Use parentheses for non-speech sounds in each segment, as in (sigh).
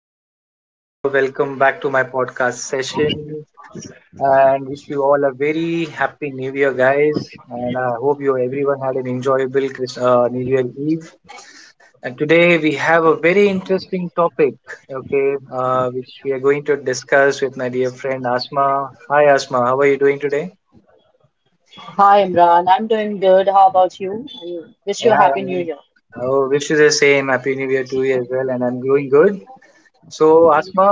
this is Imran here. Welcome back to my podcast session and wish you all a very happy new year, guys. And I hope you everyone had an enjoyable New Year Eve. And today we have a very interesting topic, okay, which we are going to discuss with my dear friend Asma. Hi, Asma. How are you doing today? Hi Imran, I'm doing good. How about you? And wish you Yeah, a happy I new am. year. Oh, wish you the same. Happy New Year to you as well. And I'm doing good. So, Asma,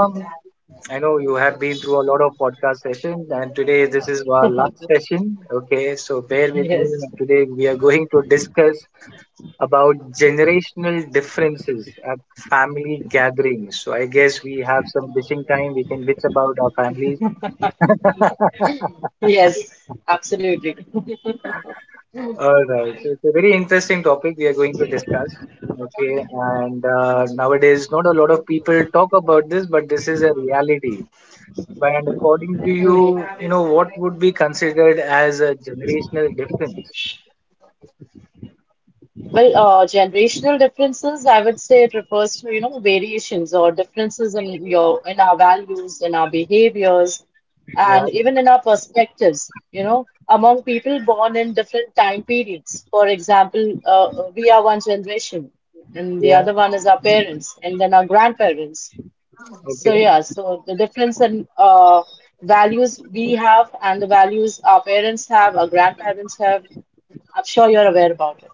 I know you have been through a lot of podcast sessions, and today this is our last (laughs) session. Okay, so bear with me. Yes, Today we are going to discuss about generational differences at family gatherings. So, I guess we have some bitching time. We can bitch about our families. yes, absolutely. (laughs) All right. So, it's a very interesting topic we are going to discuss. Okay, and nowadays not a lot of people talk about this, but this is a reality. And according Mhm. to you, you know, what would be considered as a generational difference? Well, generational differences, I would say it refers to, you know, variations or differences in your in our values, in our behaviors, Yeah, and even in our perspectives, you know, among people born in different time periods. For example, we are one generation, and the yeah, other one is our parents, and then our grandparents. So okay. yeah, so the difference in values we have and the values our parents have, our grandparents have, I'm sure you're aware about it.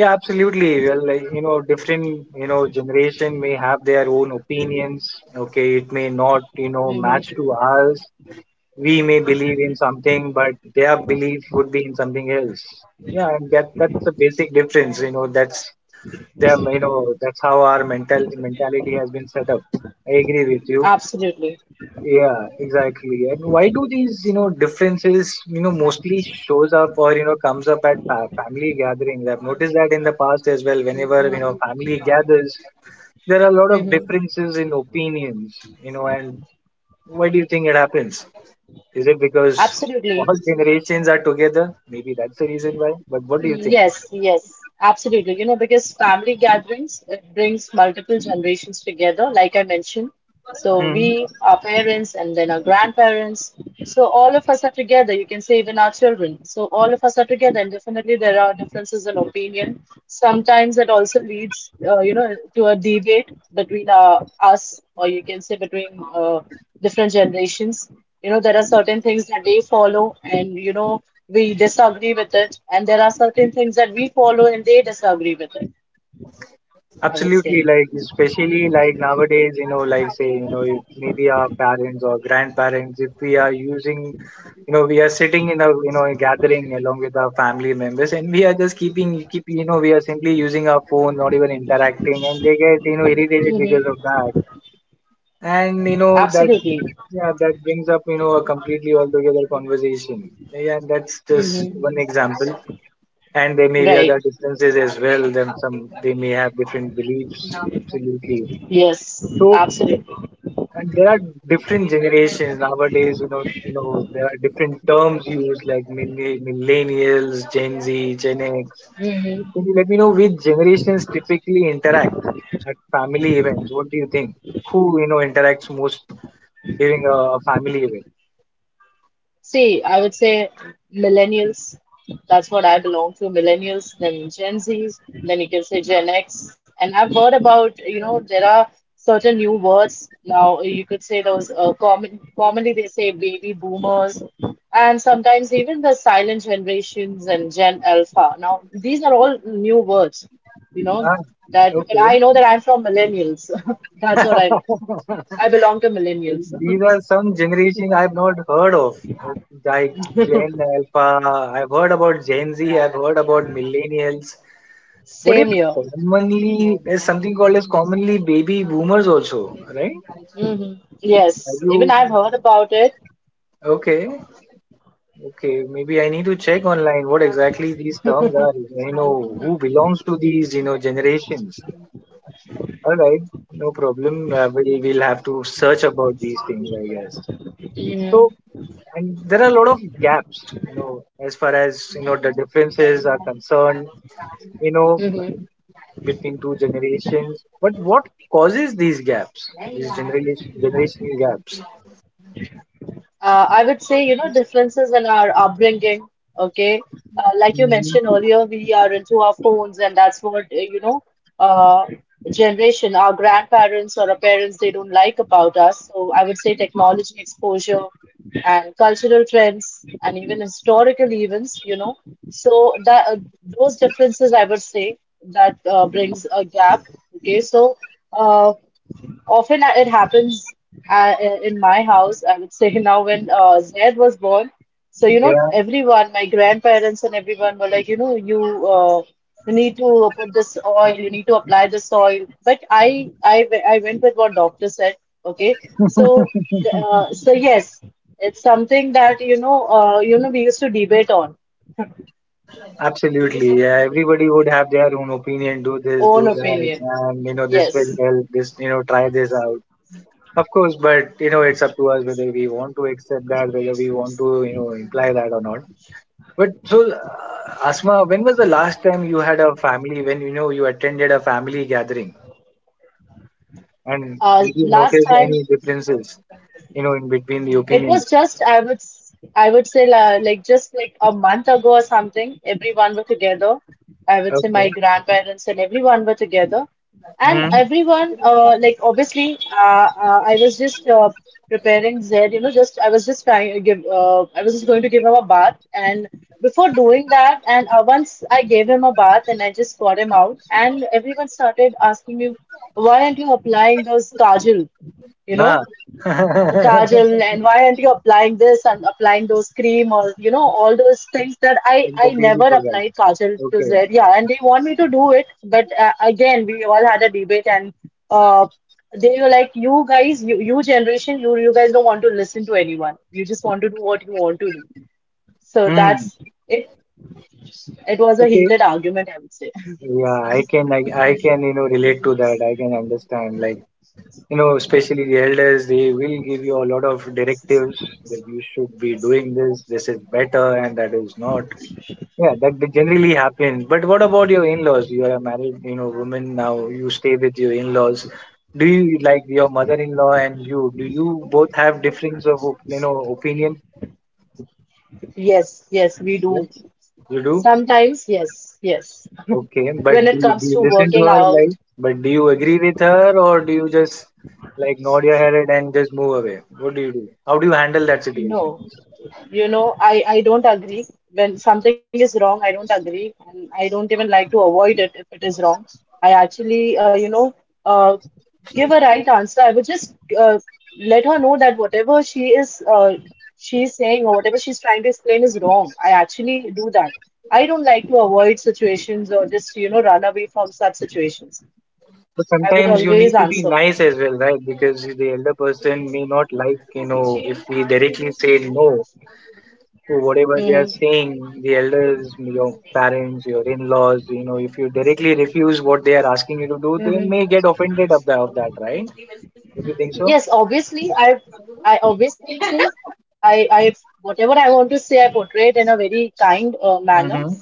Yeah, absolutely. Well, like, you know, different, you know, generation may have their own opinions. Okay, it may not, you know, Hmm match to ours. We may believe in something, but their belief would be in something else. Yeah, and that's the basic difference. You know, that's them. You know, that's how our mentality has been set up. I agree with you. Absolutely. Yeah, exactly. And why do these, you know, differences, you know, mostly shows up or, you know, comes up at fa family gatherings? I've noticed that in the past as well. Whenever, you know, family gathers, there are a lot of Hmm differences in opinions, you know, and why do you think it happens? Is it because Absolutely. all (laughs) generations are together? Maybe that's the reason why, but what do you Yes, absolutely. You know, because family gatherings, it brings multiple generations together, like I mentioned. So think? we, our parents, and then our grandparents. So all of us are together. You can say even our children. So all of us are together, and definitely there are differences in opinion. Sometimes that also leads, you know, to a debate between us, or you can say between different generations. You know, there are certain things that they follow, and you know, we disagree with it, and there are certain things that we follow and they disagree with it. I would Absolutely, say. like especially like nowadays, you know, like say, you know, if maybe our parents or grandparents, if we are using, you know, we are sitting in a, you know, a gathering along with our family members, and we are just you know, we are simply using our phone, not even interacting, and they get, you know, irritated because Mm-hmm. of that. And you know that, Absolutely. yeah, that brings up, you know, a completely altogether conversation. Yeah, that's Mm-hmm. just one example, and there may be Right. other differences as well. Then some, they may have different beliefs, absolutely. Yes, So, absolutely. and there are different generations nowadays. You know, you know, there are different terms used, like millennials, gen z, gen x. Can you let me know which generations typically interact at family events? What do you think? Who, you know, interacts most during a family event? See, I would say millennials, that's what I belong to, millennials, then Gen Zs, then you can say Gen X. And I've heard about, you know, there are certain new words now. You could say those commonly they say baby boomers, and sometimes even the silent generations and Gen Alpha. Now, these are all new words, you know, Ah, that, but okay. I know that I'm from millennials. (laughs) That's what I know. I belong to millennials. These are some generation I've not heard of, like Gen Alpha. I've heard about Gen Z. I've heard about millennials. (laughs) What is Same year. commonly, there's something called as commonly baby boomers also, right? Hmm Are Yes, even you I've heard about it. okay? Okay, maybe I need to check online what exactly these terms are. You know who belongs to these, you know, generations. All right, no problem. We'll have to search about these things, I guess. Hmm So, and there are a lot of gaps, you know, as far as you know the differences are concerned, you know, hmm between two generations. But what causes these gaps? These generational gaps. I would say, you know, differences in our upbringing. Okay, like you Mhm. mentioned earlier, we are into our phones, and that's what uh, generation, our grandparents or our parents, they don't like about us. So I would say technology exposure and cultural trends and even historical events, you know. So that those differences, I would say, that brings a gap. Okay, so. uh, Often it happens uh, in my house, I would say. (laughs) Now when Zaid was born. So, you know, Yeah, everyone, my grandparents and everyone were like, you know, you need to put this oil, you need to apply this oil. But I went with what doctor said. Okay. So, so yes, it's something that, you know, we used to debate on. absolutely. Yeah, everybody would have their own opinion. Do this, do Own that, opinion. and you know, this will Yes. help. This, you know, try this out. Of course, but you know, it's up to us whether we want to accept that, whether we want to, you know, imply that or not. But so, uh, Asma, when was the last time you had a family, when you know you attended a family gathering? And did you Last notice time, any differences, you know, in between the it opinions? was just, I would say, like just like a month ago or something, everyone were together. I would say my Okay. grandparents and everyone were together, and Hmm. everyone, like obviously, I was just preparing Zed, you know, just I was just trying to give, I was just going to give him a bath, and before doing that, and once I gave him a bath and I just got him out, and everyone started asking me, why aren't you applying those kajal, you Ah. know? (laughs) Kajal and why aren't you applying this and applying those cream or you know all those things that I In I the daily never program. applied Kajal to Okay. Zaid. Yeah, and they want me to do it, but again we all had a debate and uh they were like you guys, you generation, you guys don't want to listen to anyone. You just want to do what you want to do. So Hmm. that's it. It was a Okay. heated argument, I would say. Yeah, I can, you know, relate to that. I can understand. Like, you know, especially the elders, they will give you a lot of directives that you should be doing this, this is better, and that is not. Yeah, that generally happens. But what about your in-laws? You are a married, you know, woman now. You stay with your in-laws. Do you like your mother-in-law and you? Do you both have difference of, you know, opinion? Yes, yes, we do. Yes, you do. Sometimes, yes, yes. Okay, but When it do comes you to listen to working her? Like, out, but do you agree with her or do you just like nod your head and just move away? What do you do? How do you handle that situation? no. You know, I don't agree. When something is wrong, I don't agree, and I don't even like to avoid it if it is wrong. I actually, you know, uh, give a right answer. I would just let her know that whatever she's saying or whatever she's trying to explain is wrong. I actually do that. I don't like to avoid situations or just, you know, run away from such situations. I would But always sometimes answer. you need to be nice as well, right? Because the elder person may not like, you know, if we directly say no. So whatever they are saying, the elders, your parents, your in-laws, you know, if you directly refuse what they are asking you to do, they may get offended of that, of that, right? Don't you think so? Yes, obviously, I obviously, I, I, whatever I want to say, I portray it in a very kind manner, Mm-hmm.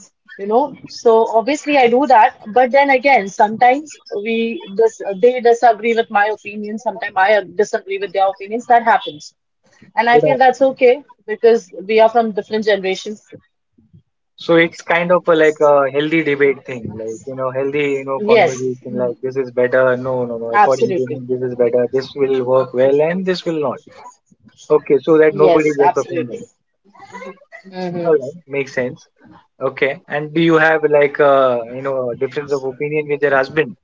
you know. So obviously, I do that. But then again, sometimes they disagree with my opinion. Sometimes I disagree with their opinions. That happens, and I Yeah. feel that's okay because we are from different generations. So it's kind of a, like a healthy debate thing, like you know, healthy you know Yes, conversation. Like this is better. No, no, no. According to me, absolutely. this is better. This will work well, and this will not. Okay, so that nobody Yes, gets absolutely. offended. All Hmm right, makes sense. Okay, and do you have like you know a difference of opinion with your husband?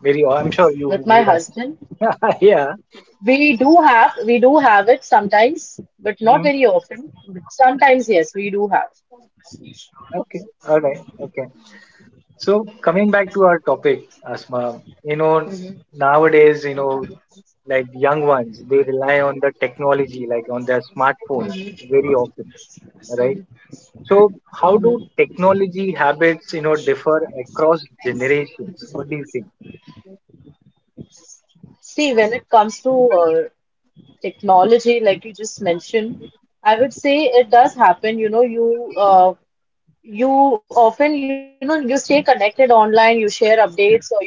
Very, I'm sure you With my would husband. have. (laughs) Yeah. We do have it sometimes, but not Mhm. very often. But sometimes, yes, we do have. Okay. All right. Okay. So coming back to our topic, Asma, you know, Mhm, nowadays, you know, like young ones, they rely on the technology, like on their smartphones mhm, very often, right? So how do mhm. technology habits, you know, differ across generations? What do you think? See, when it comes to technology, like you just mentioned, I would say it does happen. You know, you often, you know, you stay connected online, you share updates, or you avoid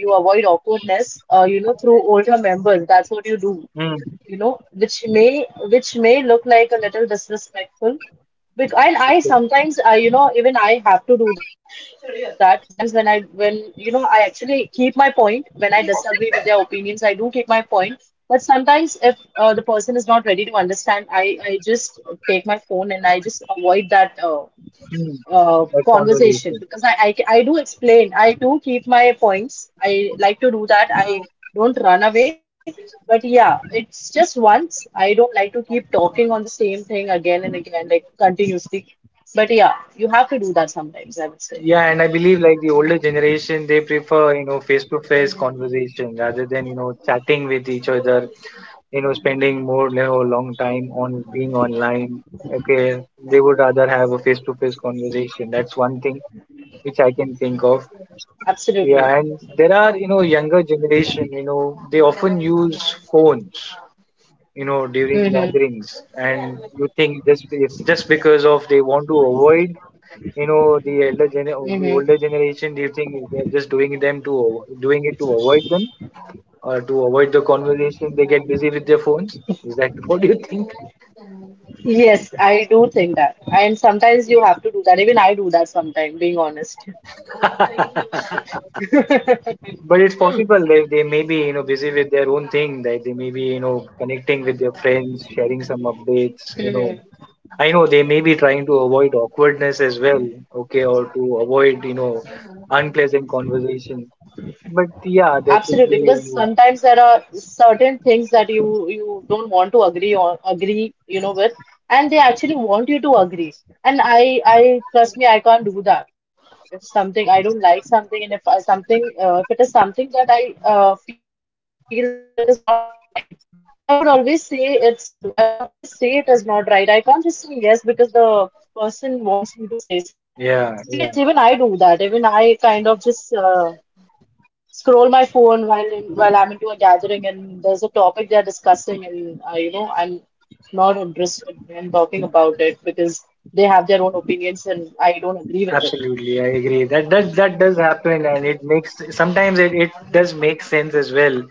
awkwardness, you know, through older members. That's what you do. Mm-hmm. You know, which may look like a little disrespectful. Because and I sometimes I you know even I have to do that. Sometimes when you know I actually keep my point when I disagree with their opinions, I do keep my point. But sometimes if the person is not ready to understand, I just take my phone and I just avoid that That conversation conversation. because I do explain. I do keep my points. I like to do that. I don't run away. But yeah, it's just once. I don't like to keep talking on the same thing again and again, like continuously. But yeah, you have to do that sometimes, I would say. Yeah, and I believe like the older generation, they prefer, you know, face-to-face conversation rather than, you know, chatting with each other, you know, spending more, you know, long time on being online. Okay, they would rather have a face-to-face conversation. That's one thing which I can think of. Absolutely. Yeah, and there are, you know, younger generation, you know, they often use phones you know during Mm-hmm. gatherings, and you think just it's just because of they want to avoid you know the elder gen or Mm-hmm. the older generation. Do you think they're just doing them to doing it to avoid them or to avoid the conversation? They get busy with their phones. Is that (laughs) what do you think? Yes, I do think that. And sometimes you have to do that. Even I do that sometimes, being honest. But it's possible they may be you know busy with their own thing. That they may be you know connecting with their friends, sharing some updates. You know, (laughs) I know they may be trying to avoid awkwardness as well. Okay, or to avoid you know unpleasant conversation. But yeah, there could Absolutely, be you because know, sometimes there are certain things that you don't want to agree, you know, with, and they actually want you to agree. And I trust me, I can't do that. If something I don't like something, and if something if it is something that I feel that it is not right, I would always say it is not right. I can't just say yes because the person wants me to say so. yeah, So yeah, yes, even I do that. Even I kind of just scroll my phone while I'm into a gathering and there's a topic they're discussing and you know I'm not interested in talking about it because they have their own opinions and I don't agree with it. absolutely. I agree that that does happen, and it makes sometimes it does make sense as well.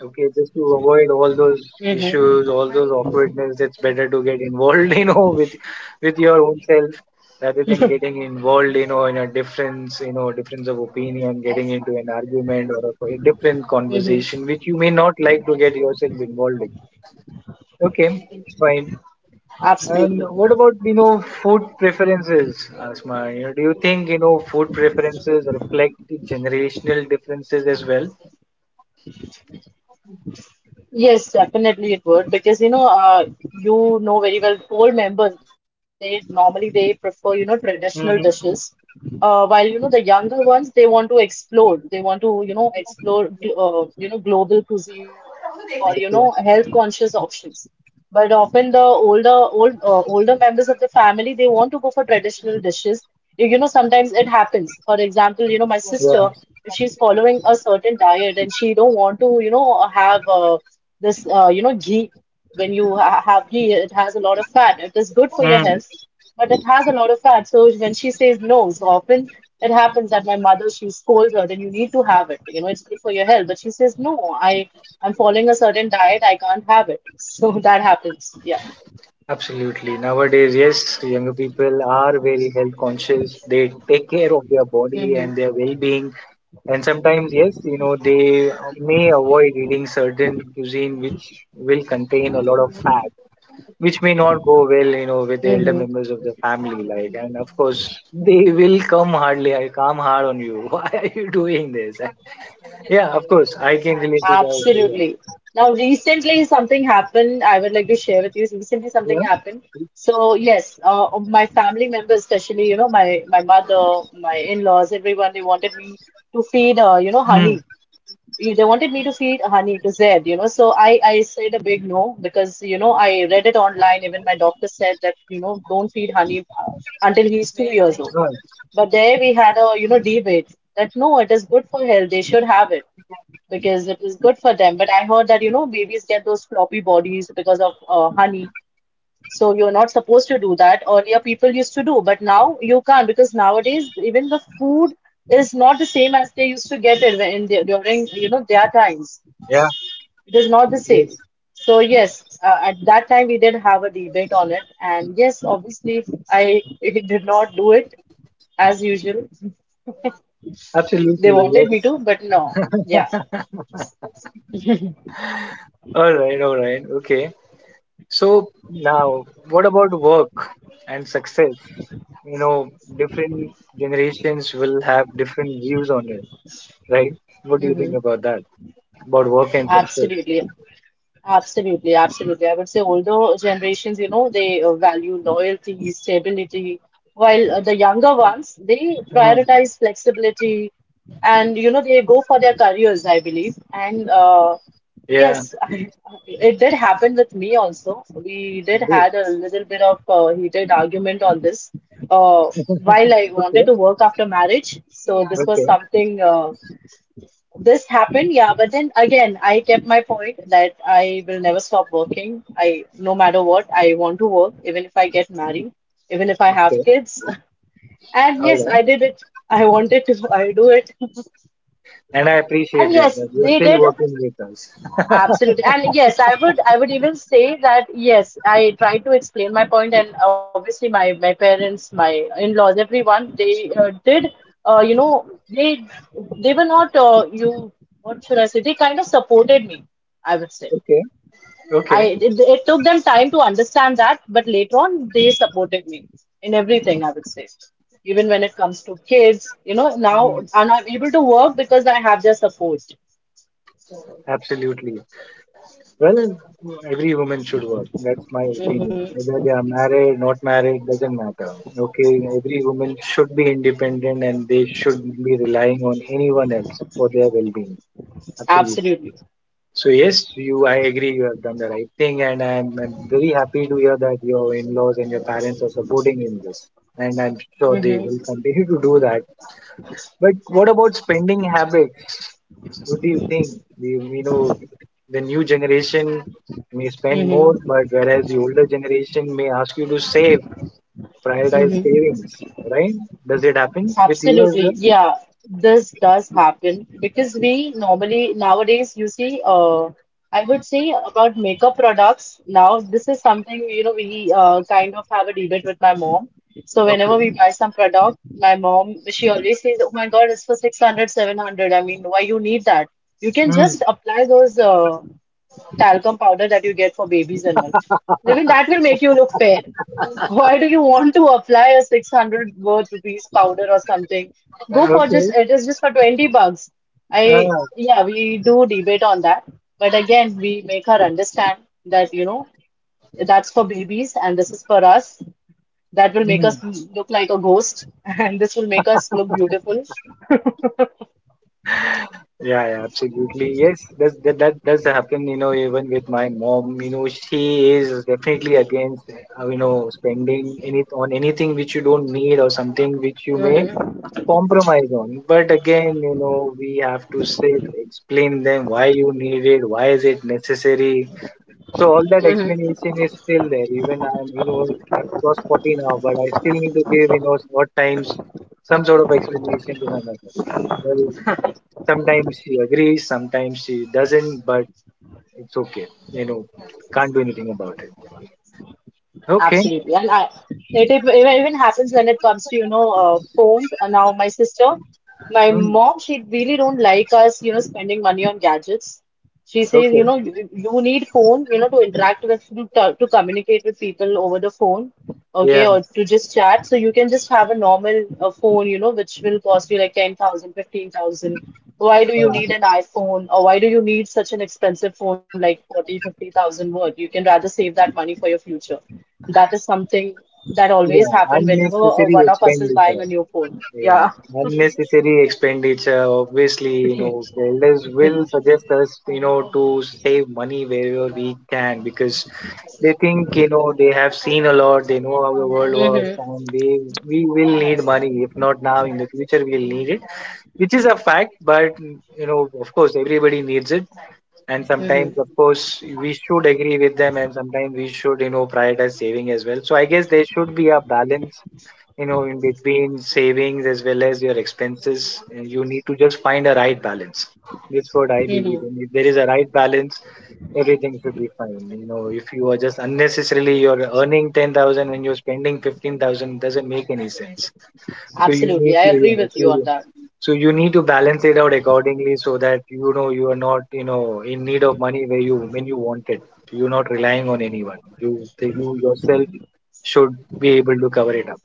Okay, just to avoid all those issues, all Mm-hmm. those awkwardness, it's better to get involved, (laughs) you know, with your own self rather than getting involved, you know, in a difference, you know, difference of opinion, getting into an argument or a different Mm-hmm. conversation, which you may not like to get yourself involved in. Okay, fine. Absolutely. And what about, you know, food preferences, Asma? You know, do you think, you know, food preferences reflect generational differences as well? Yes, definitely it would because you know very well, old members they normally they prefer you know traditional Mm-hmm. dishes, while you know the younger ones they want to explore, they want to you know explore you know global cuisines Okay. or you know health conscious options. But often the older members of the family they want to go for traditional dishes. You know sometimes it happens. You know my Yeah. sister, if she's following a certain diet and she don't want to you know have you know, ghee. When you ha have ghee, it has a lot of fat. It is good for your Mm. health, but it has a lot of fat. So when she says no, so often it happens that my she scolds her, then you need to have it. You know, it's good for your health. But she says, no, I'm following a certain diet. I can't have it. (laughs) So that happens. Yeah. Absolutely. Nowadays, yes, younger people are very health conscious. They take care of their body and Mm-hmm. their well-being. And sometimes, yes, you know, they may avoid eating certain cuisine which will contain a lot of fat, which may not go well, you know, with the elder members of the family. Mm-hmm. Like, and of course, they will come hardly, I come hard on you. (laughs) Why are you doing this? (laughs) Yeah, of course, I can relate to that. Absolutely. Now, recently something happened. I would like to share with you. Recently something Yeah. happened. So yes, my family members, especially you know my in-laws, everyone, they wanted me to feed you know honey. Yeah. Hmm. They wanted me to feed honey to Zed, you know. So I said a big no because you know I read it online. Even my doctor said that you know don't feed honey until he's 2 years old. Right. But there we had a you know debate that no, it is good for health. They should have it because it is good for them. But I heard that, you know, babies get those floppy bodies because of honey. So you're not supposed to do that. Earlier, people used to do, but now you can't because nowadays even food is not the same as they used to get it during, you know, their times. Yeah. It is not the same. Yes. So yes, at that time we did have a debate on it, and yes, obviously I (laughs) did not do it as usual. They Absolutely. wanted me Yes. to, but no. Yeah. All right, okay. So now, what about work and success? You know, different generations will have different views on it, right? What do you Hmm. think about that? About work and success? Absolutely. Absolutely, absolutely. I would say older generations, they value loyalty, stability, while the ones, they Hmm. prioritize flexibility and they go for their careers, I believe. And Yeah, yes, (laughs) it did happen with me also. We did it is. had a little bit of heated argument on this. Uh, while I wanted Okay, to work after marriage, so this was okay, something. This happened, yeah, but then again, I kept my point that I will never stop working. No matter what, I want to work, even if I get married, even if I have okay. kids. (laughs) And All yes, right. I did it. I do it. And I And appreciate it yes, that you're they still did. working with us. Absolutely. And yes, I would even say that yes, I tried to explain my point and obviously my parents, my in-laws, everyone, they did uh, you know, they they were not you what should I say? They kind of supported me, I would say. Okay, I okay. it, it took them time to understand that, but later on they supported me in everything, I would say. Even when it comes to kids, now Hmm. and I'm able to work because I have their support. Absolutely. Well, every woman should work. That's my opinion. Hmm. Whether they are married, not married, doesn't matter. Okay, every woman should be independent and they should be relying on anyone else for their well-being. Absolutely. Absolutely. So yes, you. I agree. You have done the right thing, and I'm very happy to hear that your in-laws and your parents are supporting in this. And I'm sure they will continue to do that. But what about spending habits? What do you think? We know the new generation may spend more, Hmm. but whereas the older generation may ask you to save, prioritize Hmm. savings, right? Does it happen with you Absolutely. as Yeah, this does happen because we normally nowadays, you see, I would say about makeup products. Now, this is something, we kind of have a debate with my mom. So well? Okay. whenever we buy some product, my mom, she always says, oh my God, it's for 600, 700. I mean, why you need that? You can Hmm. just apply those talcum powder that you get for babies and all. I mean, that will make you look fair. Why do you want to apply a 600 worth rupees powder or something? Go for just, Okay. it is just for $20. I, Ah. yeah, we do debate on that. But again, we make her understand that, that's for babies and this is for us. That will make Hmm. us look like a ghost (laughs) and this will make us look beautiful. Yeah, yeah, absolutely. Yes, that that does happen. You know, even with my mom, you know, she is definitely against, you know, spending any on anything which you don't need or something which you may Hmm. compromise on. But again, you know, we have to sit, explain them why you need it, why is it necessary. So all that Hmm. explanation is still there. Even I'm, you know, I've crossed 40 now, but I still need to give, you know, at times some sort of explanation to my mother. Well, sometimes she agrees, sometimes she doesn't, but it's okay. You know, can't do anything about it. Okay. Absolutely, and it even happens when it comes to phones. My Hmm. mom, she really don't like us spending money on gadgets. She says Okay. You need phone to interact with to communicate with people over the phone, okay, Yeah. or to just chat. So you can just have a normal phone which will cost you like 10,000, 15,000. Why do you Uh, need an iPhone or why do you need such an expensive phone like 40, 50,000 worth? You can rather save that money for your future. That is something that always yeah. happen whenever Unnecessary one of us is buying expenditure. a new phone. Yeah, Yeah. unnecessary expenditure. Obviously, you know, the elders will suggest us, you know, to save money wherever we can because they think, you know, they have seen a lot, they know how the world works, Mm-hmm. and they we will need money. If not now, in the future, we'll need it, which is a fact. But you know, of course, everybody needs it, and Mm-hmm. sometimes of course we should agree with them, and sometimes we should, you know, prioritize saving as well. So I guess there should be a balance, you know, in between savings as well as your expenses, and you need to just find a right balance. That's what I Mm-hmm. believe in. If there is a right balance, everything should be fine. You know, if you are just unnecessarily you're earning 10,000 and you're spending 15,000, doesn't make any sense. So you need Absolutely. I to, agree yeah, with so, you on that. so you need to balance it out accordingly, so that you know you are not, you know, in need of money where you, when you want it, you're not relying on anyone, you yourself should be able to cover it up.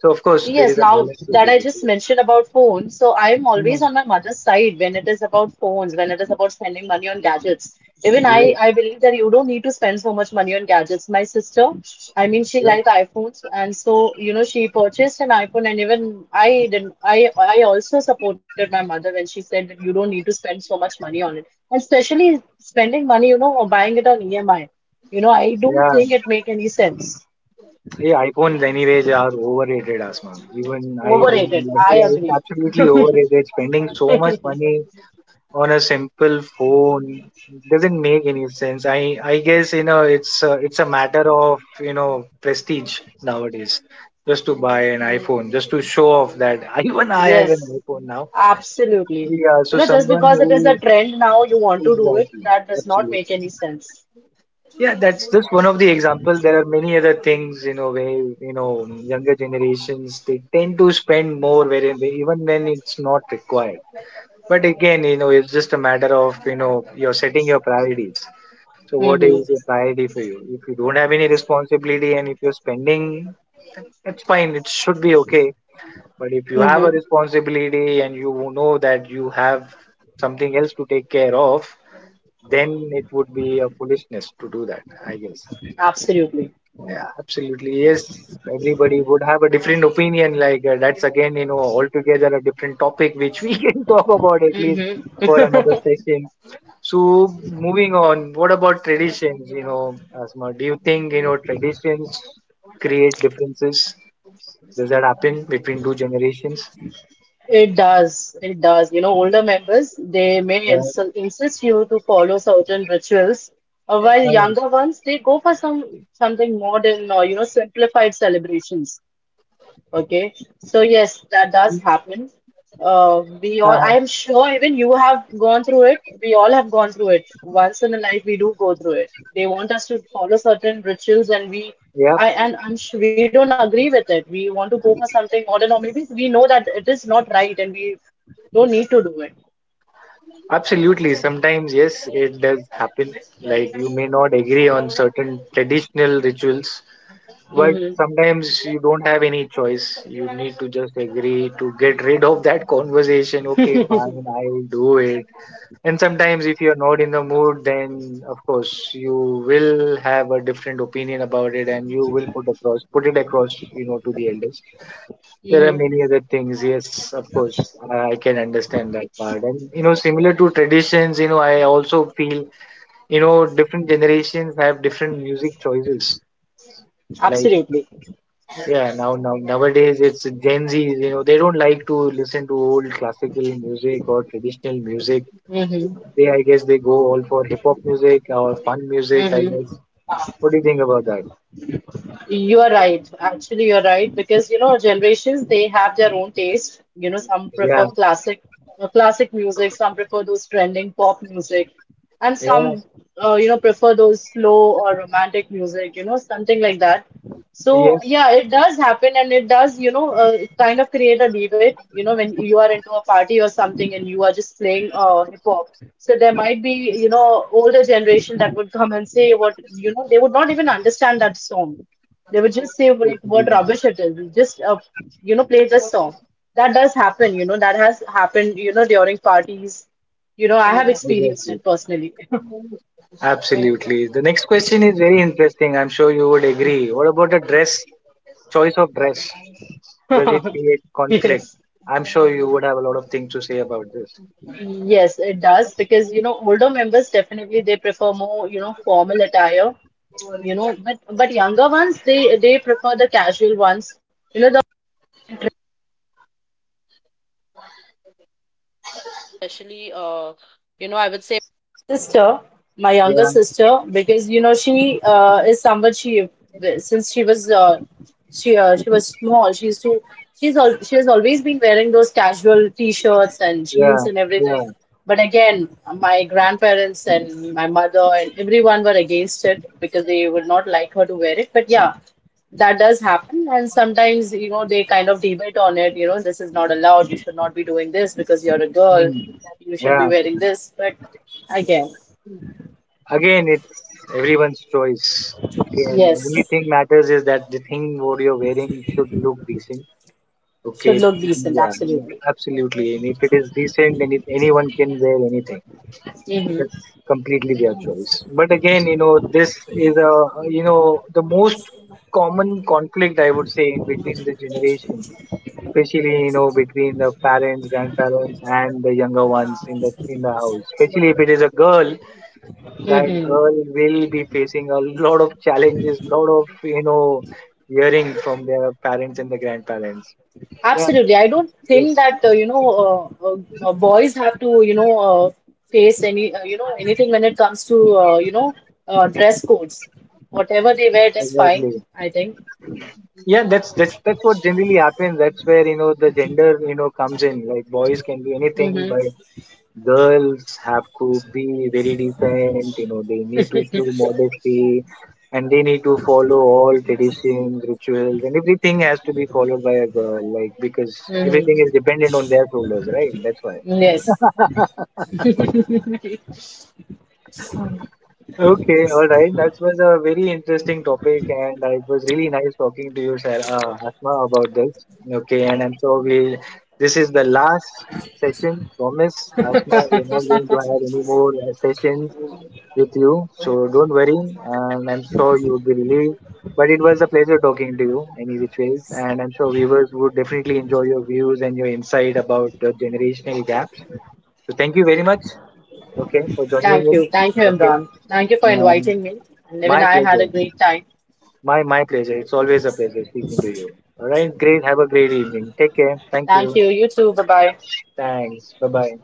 So of course there Yes, is a now balance to that get I it, just yes. mentioned about phones, so I'm Hmm. always on my mother's side when it is about phones, when it is about spending money on gadgets. Even I, Yes. I believe that you don't need to spend so much money on gadgets. My sister, I mean, she Yes. liked iPhones, and so she purchased an iPhone, and even I didn't. I also supported my mother when she said that you don't need to spend so much money on it, and especially spending money, or buying it on EMI. I don't Yeah, think it make any sense. yeah, iPhones anyways are overrated, Asma. Even I don't Overrated. like. I Yeah, it's agree. absolutely (laughs) overrated, spending so much money on a simple phone, doesn't make any sense. I guess, you know, it's a matter of, you know, prestige nowadays. Just to buy an iPhone, just to show off that (laughs) even I have an Yes, iPhone now. absolutely. Yeah, You so know, just someone because it is who a trend now, you want to do it, exactly that does not make absolutely. any sense. Yeah, that's just one of the examples. There are many other things, you know, where you know younger generations they tend to spend more, where even when it's not required. But again, you know, it's just a matter of, you know, you're setting your priorities. So what Mm-hmm. is a priority for you? If you don't have any responsibility and if you're spending, it's fine. It should be okay. But if you have a Mm-hmm. responsibility and you know that you have something else to take care of, then it would be a foolishness to do that, I guess. Absolutely. Yeah, absolutely. Yes, everybody would have a different opinion. Like that's again, you know, altogether a different topic which we (laughs) can talk about at least for another Mm-hmm. (laughs) session. So moving on, what about traditions? You know, Asma, do you think you know traditions create differences? Does that happen between two generations? It does. It does. Older members, they may ins Yes. insist you to follow certain rituals, while Uh, younger ones, they go for something modern or, simplified celebrations. Okay, so yes, that does happen. We all, uh-huh. I am sure even you have gone through it. We all have gone through it. Once in a life, we do go through it. They want us to follow certain rituals, and we, Yeah, I, and I'm sure we don't agree with it. We want to go for something modern, or maybe we know that it is not right, and we don't need to do it. absolutely. Sometimes, yes, it does happen. Like you may not agree on certain traditional rituals, but Mm-hmm. sometimes you don't have any choice. You need to just agree to get rid of that (laughs) conversation. Okay, fine, I will do it. And sometimes, if you're not in the mood, then of course you will have a different opinion about it, and you will put it across, you know, to the elders. There are many Mm-hmm. other things. Yes, of course, I can understand that part. And you know, similar to traditions, you know, I also feel, you know, different generations have different music choices. Like Absolutely. yeah, now nowadays it's Gen Z. You know, they don't like to listen to old classical music or traditional music. Mm-hmm. They, I guess, they go all for hip hop music or fun music. I guess. Mm-hmm. What do you think about that? You are right. Actually, you're right because generations they have their own taste. Some Yeah, prefer classic music, some prefer those trending pop music, and yeah, some prefer those slow or romantic music. Something like that. So yes, yeah, it does happen, and it does kind of create a debate. When you are into a party or something, and you are just playing hip hop. So there might be, older generation that would come and say what, they would not even understand that song they would just say like absolutely. what Yeah, rubbish it is. Just play this song. That does happen, that has happened, during parties. I have experienced exactly. it personally. (laughs) Absolutely. The next question is very interesting. I'm sure you would agree. What about the dress? Choice of dress. Does it create conflict? I'm sure you would have a lot of things to say about this. Yes, it does because older members definitely they prefer more formal attire but younger ones they prefer the casual ones. Yeah, She was uh, she was small. She used to she's al she has always been wearing those casual t-shirts and yeah, jeans and yeah, everything. But again, my grandparents and my mother and everyone were against it because they would not like her to wear it. But yeah, that does happen. And sometimes, they kind of debate on it, this is not allowed. You should not be doing this because you're a girl. mm, You should be yeah. wearing this. But again, Again, it's everyone's choice. Okay, and the yes, only thing matters is that the thing what you're wearing should look decent. Okay, should look decent, yeah, yeah, absolutely. absolutely. And if it is decent, then it, anyone can wear anything. Mm-hmm. That's completely their choice. But again, you know, this is a, you know, the most common conflict I would say in between the generation, especially you know between the parents, grandparents, and the younger ones in the house. Especially if it is a girl, that Mm-hmm. girl will be facing a lot of challenges, lot of you know, hearing from their parents and the grandparents. Yeah, Absolutely. I don't think yes, that boys have to face any anything when it comes to dress codes. Whatever they wear, it is fine, exactly. I think. Yeah, that's what generally happens. That's where you know the gender you know comes in. Like boys can be anything, but Mm-hmm. girls have to be very decent, you know, they need to show modesty, and they need to follow all traditions, rituals, and everything has to be followed by a girl, like because everything Mm-hmm. is dependent on their shoulders, right? That's why. Yes. Okay, all right. That was a very interesting topic, and it was really nice talking to you, Asma, about this. Okay, and I'm sure we this is the last session. Promise, Asma, we are not going to have any more sessions with you. So don't worry, and I'm sure you would be relieved. But it was a pleasure talking to you, any which ways, and I'm sure viewers would definitely enjoy your views and your insight about the generational gaps. So thank you very much, okay, for joining Thank you. Thank you, in. Okay, Imran. Thank you for um, inviting me. And even my I had a pleasure. great time. My pleasure. It's always a pleasure speaking to you. All right, great. Have a great evening. Take care. Thank you. Thank you. You too. Bye-bye. Thanks. Bye bye.